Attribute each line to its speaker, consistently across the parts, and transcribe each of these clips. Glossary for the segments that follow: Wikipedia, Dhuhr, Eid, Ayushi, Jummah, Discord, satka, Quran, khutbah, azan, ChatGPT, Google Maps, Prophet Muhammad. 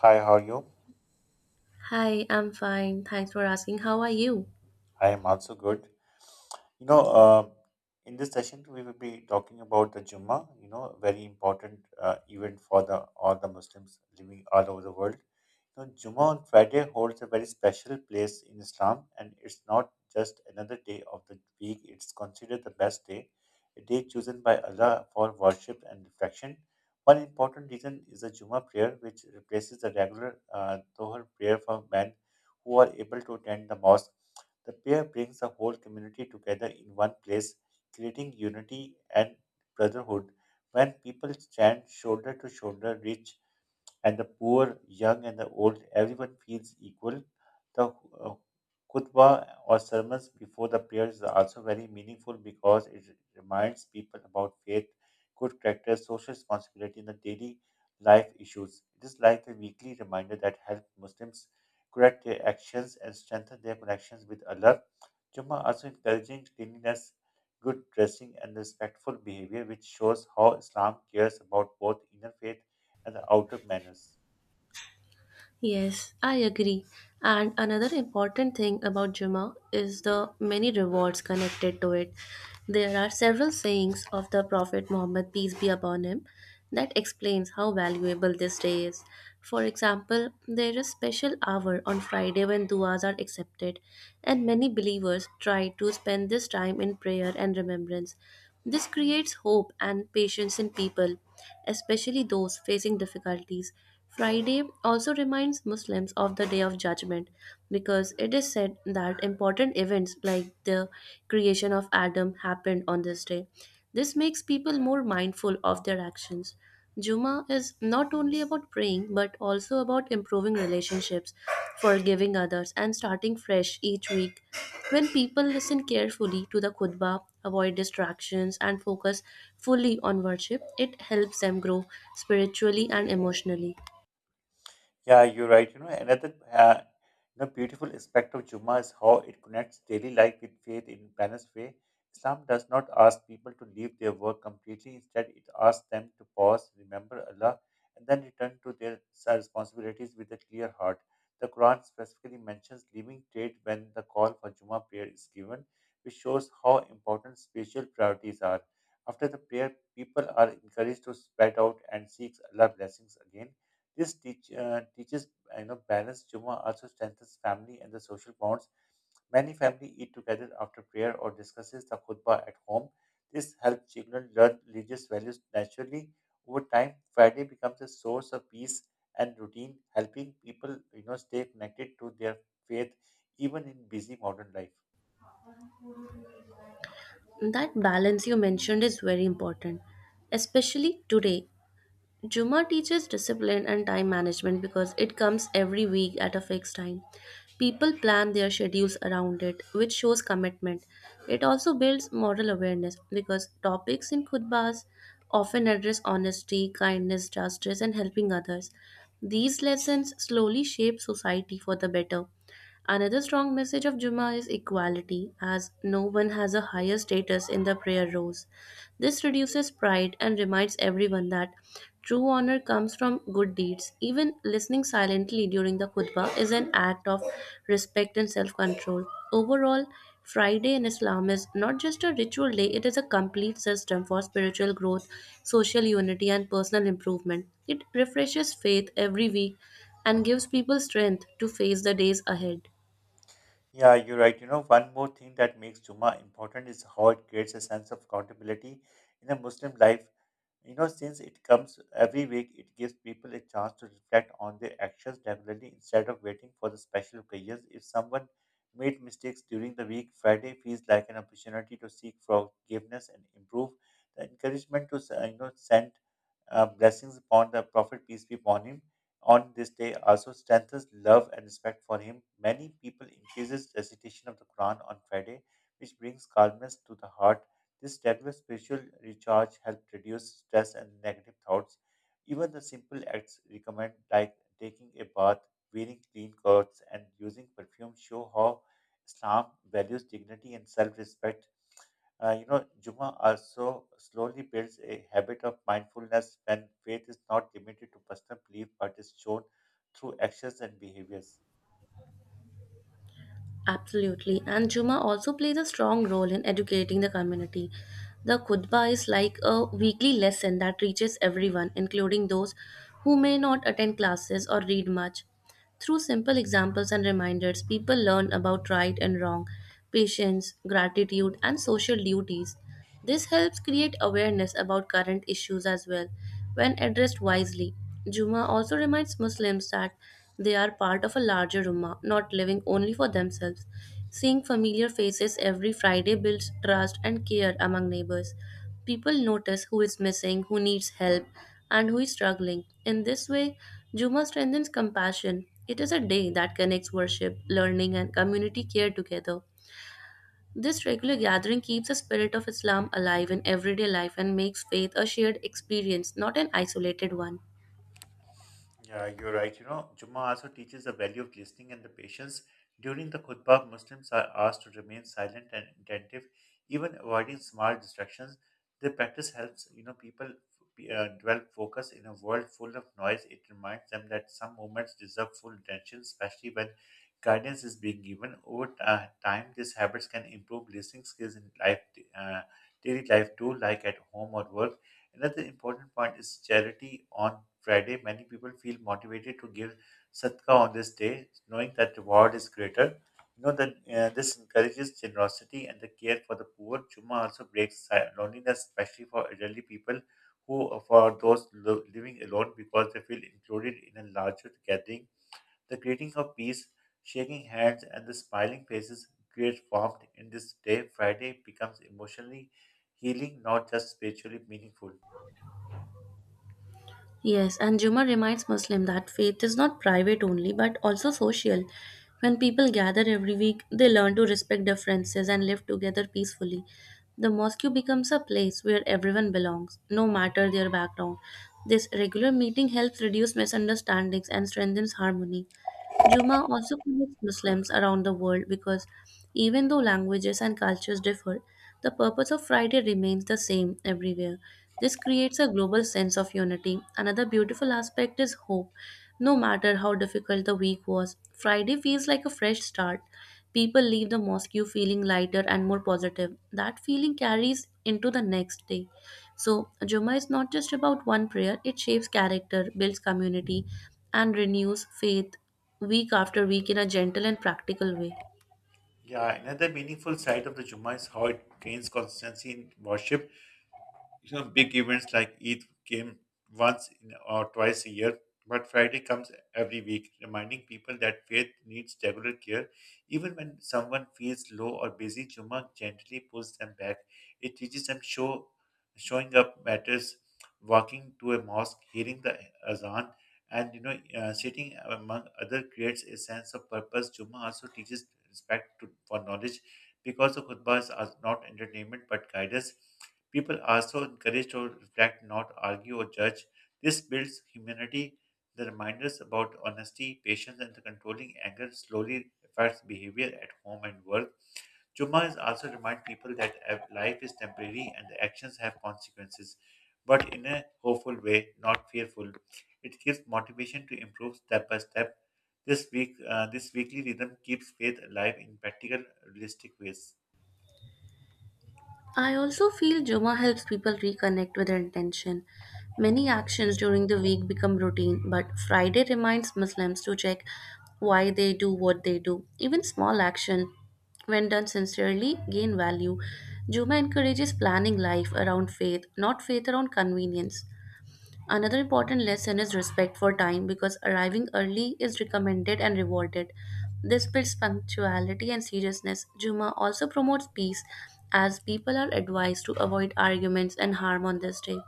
Speaker 1: Hi, how are you?
Speaker 2: Hi, I'm fine. Thanks for asking. How are you?
Speaker 1: I am also good. You know, uh, in this session we will be talking about the Jummah. Very important event for the all the Muslims living all over the world. Jummah on Friday holds a very special place in Islam, and it's not just another day of the week. It's considered the best day, a day chosen by Allah for worship and reflection. One important reason is the Jummah prayer, which replaces the regular Dhuhr prayer for men who are able to attend the mosque. The pair brings the whole community together in one place, creating unity and brotherhood. When people stand shoulder to shoulder, reach and the poor, young and the old, everyone feels equal. The uh, khutbah or sermons before the prayers are also very meaningful because it reminds people about faith, good character, social responsibility, and the daily life issues. It is like a weekly reminder that helps Muslims correct their actions and strengthen their connections with Allah. Jummah also encouraging cleanliness, good dressing, and respectful behavior, which shows how Islam cares about both inner faith and the outer manners.
Speaker 2: Yes, I agree. And another important thing about Juma is the many rewards connected to it. There are several sayings of the Prophet Muhammad, peace be upon him, that explains how valuable this day is. For example, there is special hour on Friday when duas are accepted, and many believers try to spend this time in prayer and remembrance. This creates hope and patience in people, especially those facing difficulties. Friday also reminds Muslims of the Day of Judgment because it is said that important events like the creation of Adam happened on this day. This makes people more mindful of their actions. Juma is not only about praying but also about improving relationships, forgiving others, and starting fresh each week. When people listen carefully to the khutbah, avoid distractions, and focus fully on worship, it helps them grow spiritually and emotionally.
Speaker 1: Yeah, you're right. Another beautiful aspect of Juma is how it connects daily life with faith in balanced way. Islam does not ask people to leave their work completely. Instead, it asks them to pause, remember Allah, and then return to their responsibilities with a clear heart. The Quran specifically mentions leaving trade when the call for Juma prayer is given, which shows how important spiritual priorities are. After the prayer, people are encouraged to spread out and seek Allah's blessings again. This teaches balance. Juma also strengthens family and the social bonds. Many families eat together after prayer or discusses the khutbah at home. This helps children learn religious values naturally. Over time, Friday becomes a source of peace and routine, helping people stay connected to their faith even in busy modern life.
Speaker 2: That balance you mentioned is very important, especially today. Juma teaches discipline and time management because it comes every week at a fixed time. People plan their schedules around it, which shows commitment. It also builds moral awareness because topics in khutbas often address honesty, kindness, justice, and helping others. These lessons slowly shape society for the better. Another strong message of Jummah is equality, as no one has a higher status in the prayer rows. This reduces pride and reminds everyone that true honor comes from good deeds. Even listening silently during the khutbah is an act of respect and self control. Overall, Friday in Islam is not just a ritual day, it is a complete system for spiritual growth, social unity, and personal improvement. It refreshes faith every week and gives people strength to face the days ahead.
Speaker 1: Yeah, you're right. One more thing that makes Juma important is how it creates a sense of accountability in a Muslim life. Since it comes every week, it gives people a chance to reflect on their actions regularly instead of waiting for the special occasions. If someone made mistakes during the week, Friday feels like an opportunity to seek forgiveness and improve. The encouragement to send blessings upon the Prophet, peace be upon him on this day also strengthens love and respect for him. Many people increases recitation of the Quran on Friday, which brings calmness to the heart. This regular spiritual recharge helps reduce stress and negative thoughts. Even the simple acts recommend, like taking a bath, wearing clean clothes, and using perfume, show how Islam values dignity and self-respect. Juma also slowly builds a habit of mindfulness when faith is not limited to personal belief but is shown through actions and behaviors.
Speaker 2: Absolutely. And Juma also plays a strong role in educating the community. The khutbah is like a weekly lesson that reaches everyone, including those who may not attend classes or read much. Through simple examples and reminders, people learn about right and wrong, patience, gratitude, and social duties. This helps create awareness about current issues as well when addressed wisely. Juma also reminds Muslims that they are part of a larger ummah, not living only for themselves. Seeing familiar faces every Friday builds trust and care among neighbors. People notice who is missing, who needs help, and who is struggling. In this way, Juma strengthens compassion. It is a day that connects worship, learning, and community care together. This regular gathering keeps the spirit of Islam alive in everyday life and makes faith a shared experience, not an isolated one.
Speaker 1: Yeah, you're right. Jummah also teaches the value of listening and the patience. During the khutbah, Muslims are asked to remain silent and attentive, even avoiding small distractions. The practice helps, people develop focus in a world full of noise. It reminds them that some moments deserve full attention, especially when guidance is being given. Over time, these habits can improve listening skills in life, uh, daily life too, like at home or work. Another important point is charity on Friday. Many people feel motivated to give satka on this day, knowing that reward is greater. You know that This encourages generosity and the care for the poor. Juma also breaks loneliness, especially for elderly people who are for those living alone because they feel included in a larger gathering. The greeting of peace, shaking hands, and the smiling faces create warmth in this day. Friday becomes emotionally healing, not just spiritually meaningful.
Speaker 2: Yes, and Jummah reminds Muslim that faith is not private only but also social. When people gather every week, they learn to respect differences and live together peacefully. The mosque becomes a place where everyone belongs, no matter their background. This regular meeting helps reduce misunderstandings and strengthens harmony. Juma also connects Muslims around the world because even though languages and cultures differ, the purpose of Friday remains the same everywhere. This creates a global sense of unity. Another beautiful aspect is hope. No matter how difficult the week was, Friday feels like a fresh start. People leave the mosque feeling lighter and more positive. That feeling carries into the next day. So, Jummah is not just about one prayer, it shapes character, builds community, and renews faith week after week in a gentle and practical way.
Speaker 1: Yeah, another meaningful side of the Jummah is how it gains consistency in worship. Big events like Eid came once in or twice a year, but Friday comes every week, reminding people that faith needs regular care. Even when someone feels low or busy, Juma gently pulls them back. It teaches them showing up matters, walking to a mosque, hearing the azan, and sitting among other creates a sense of purpose. Juma also teaches respect to, for knowledge because the khutbahs are not entertainment but guidance. People are so encouraged to reflect, not argue or judge. This builds humanity. The reminders about honesty, patience, and the controlling anger slowly affects behavior at home and work. Juma is also remind people that life is temporary and the actions have consequences, but in a hopeful way, not fearful. It gives motivation to improve step by step. This weekly rhythm keeps faith alive in practical, realistic ways.
Speaker 2: I also feel Jummah helps people reconnect with their intention. Many actions during the week become routine, but Friday reminds Muslims to check why they do what they do. Even small action, when done sincerely, gain value. Jummah encourages planning life around faith, not faith around convenience. Another important lesson is respect for time because arriving early is recommended and rewarded. This builds punctuality and seriousness. Juma also promotes peace as people are advised to avoid arguments and harm on this day.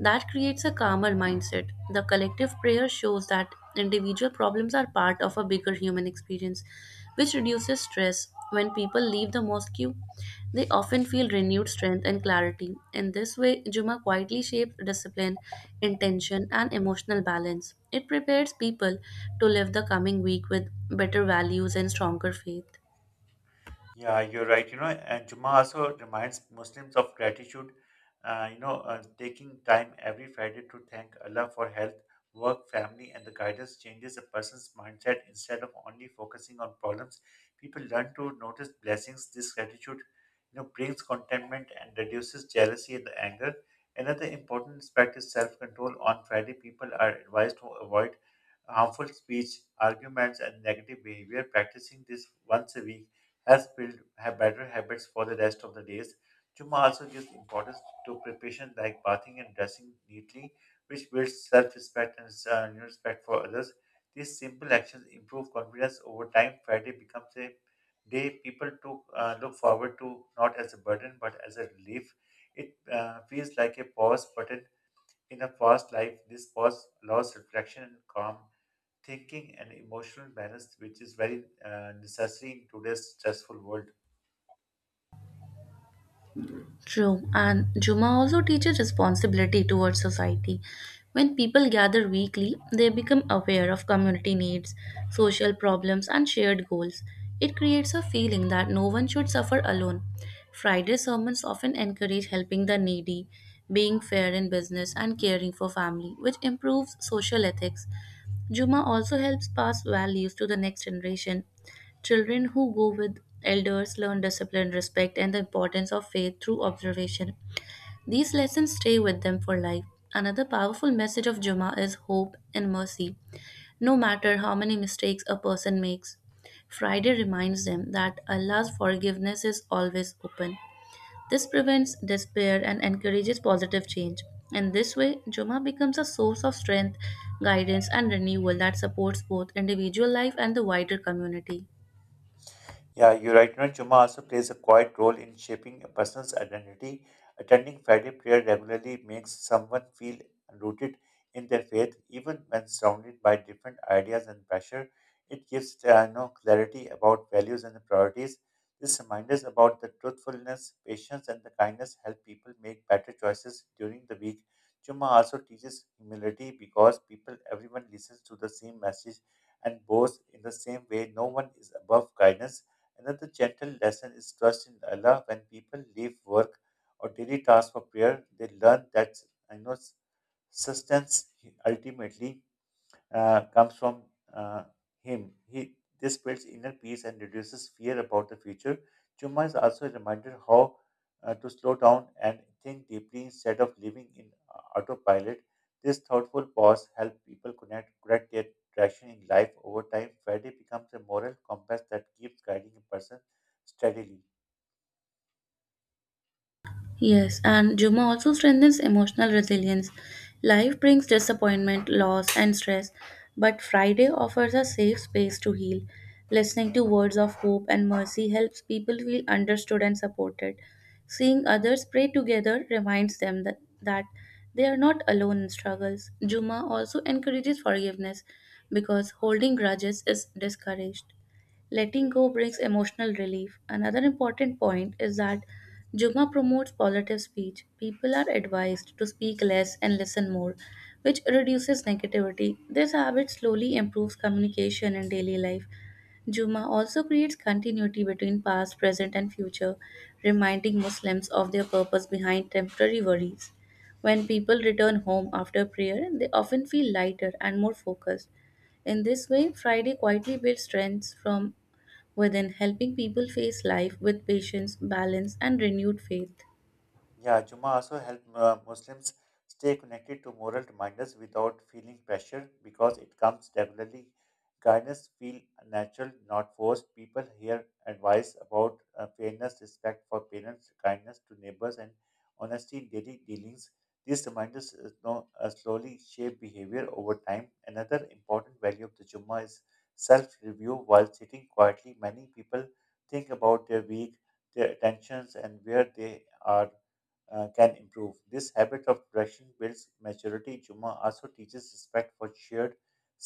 Speaker 2: That creates a calmer mindset. The collective prayer shows that individual problems are part of a bigger human experience, which reduces stress. When people leave the mosque, they often feel renewed strength and clarity. In this way, Juma quietly shapes discipline, intention, and emotional balance. It prepares people to live the coming week with better values and stronger faith.
Speaker 1: Yeah, you're right. And Jummah also reminds Muslims of gratitude. Taking time every Friday to thank Allah for health, work, family, and the guidance changes a person's mindset instead of only focusing on problems. People learn to notice blessings. This gratitude, brings contentment and reduces jealousy and anger. Another important aspect is self-control. On Friday, people are advised to avoid harmful speech, arguments, and negative behavior. Practicing this once a week has build have better habits for the rest of the days. Chuma also gives importance to preparation like bathing and dressing neatly, which builds self-respect and respect for others. These simple actions improve confidence over time. Friday becomes a day people to look forward to, not as a burden but as a relief. It feels like a pause button in a fast life. This pause allows reflection and calm thinking and emotional balance, which is very necessary in today's stressful world.
Speaker 2: True, and Juma also teaches responsibility towards society. When people gather weekly, they become aware of community needs, social problems, and shared goals. It creates a feeling that no one should suffer alone. Friday sermons often encourage helping the needy, being fair in business, and caring for family, which improves social ethics. Juma also helps pass values to the next generation. Children who go with elders learn discipline, respect, and the importance of faith through observation. These lessons stay with them for life. Another powerful message of Jummah is hope and mercy. No matter how many mistakes a person makes, Friday reminds them that Allah's forgiveness is always open. This prevents despair and encourages positive change. In this way, Jummah becomes a source of strength, guidance, and renewal that supports both individual life and the wider community.
Speaker 1: Yeah, you right. You Juma also plays a quiet role in shaping a person's identity. Attending Friday prayer regularly makes someone feel rooted in their faith, even when surrounded by different ideas and pressure. It gives clarity about values and priorities. This reminders about the truthfulness, patience, and the kindness help people make better choices during the week. Juma also teaches humility because people, everyone listens to the same message and bows in the same way. No one is above guidance. Another gentle lesson is trust in Allah. When people leave work or daily tasks for prayer, they learn that I know sustenance ultimately comes from uh, him. He This creates inner peace and reduces fear about the future. Chuma is also a reminder how to slow down and think deeply instead of living in autopilot. This thoughtful pause helps people connect correct their direction in life over time. Friday becomes a moral compass that keeps guiding a person steadily.
Speaker 2: Yes, and Juma also strengthens emotional resilience. Life brings disappointment, loss, and stress, but Friday offers a safe space to heal. Listening to words of hope and mercy helps people feel understood and supported. Seeing others pray together reminds them that they are not alone in struggles. Juma also encourages forgiveness because holding grudges is discouraged. Letting go brings emotional relief. Another important point is that Juma promotes positive speech. People are advised to speak less and listen more, which reduces negativity. This habit slowly improves communication in daily life. Juma also creates continuity between past, present, and future, reminding Muslims of their purpose behind temporary worries. When people return home after prayer, they often feel lighter and more focused. In this way, Friday quietly builds strength from within, helping people face life with patience, balance, and renewed faith.
Speaker 1: Yeah, Juma also help Muslims stay connected to moral reminders without feeling pressure because it comes regularly. Guidance feel natural, not forced. People hear advice about fairness, respect for parents, kindness to neighbors, and honesty in daily dealings. These reminders slowly shape behavior over time. Another important value of the Jumma is self-review. While sitting quietly, many people think about their week, their attentions, and where they are can improve. This habit of direction builds maturity. Juma also teaches respect for shared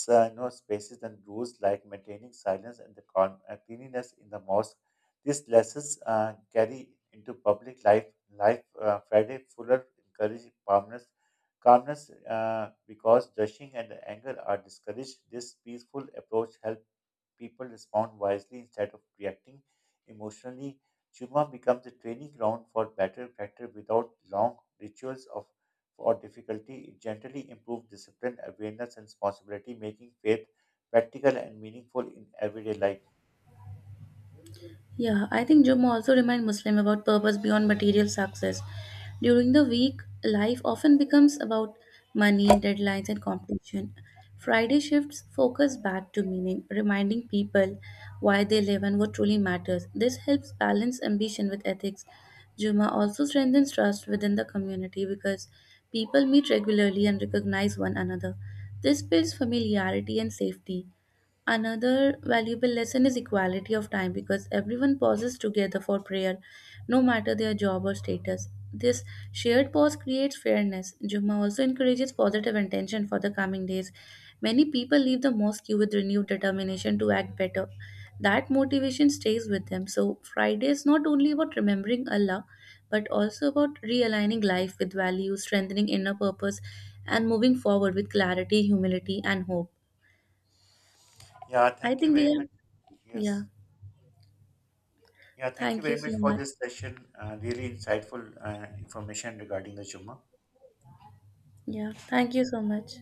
Speaker 1: spaces and rules like maintaining silence and the cleanliness in the mosque. These lessons carry into public life. Friday Fuller encourages calmness, because rushing and anger are discouraged. This peaceful approach helps people respond wisely instead of reacting emotionally. Churma becomes a training ground for better character without long rituals of or difficulty. It gently improves discipline, awareness, and responsibility, making faith practical and meaningful in everyday life.
Speaker 2: Yeah, I think Jumma also remind Muslim about purpose beyond material success. During the week, life often becomes about money, deadlines, and competition. Friday shifts focus back to meaning, reminding people why they live and what truly matters. This helps balance ambition with ethics. Jumma also strengthens trust within the community because people meet regularly and recognize one another. This builds familiarity and safety. Another valuable lesson is equality of time because everyone pauses together for prayer, no matter their job or status. This shared pause creates fairness. Jumma also encourages positive intention for the coming days. Many people leave the mosque with renewed determination to act better. That motivation stays with them. So, Friday is not only about remembering Allah, but also about realigning life with values, strengthening inner purpose, and moving forward with clarity, humility, and hope.
Speaker 1: Yeah,
Speaker 2: I
Speaker 1: thank you
Speaker 2: think we
Speaker 1: very
Speaker 2: are
Speaker 1: much.
Speaker 2: yeah.
Speaker 1: Yes. Yeah, thank you
Speaker 2: Thank you
Speaker 1: very much
Speaker 2: so
Speaker 1: for
Speaker 2: much.
Speaker 1: this session. Really insightful information regarding the Churma.
Speaker 2: Yeah. Thank you so much.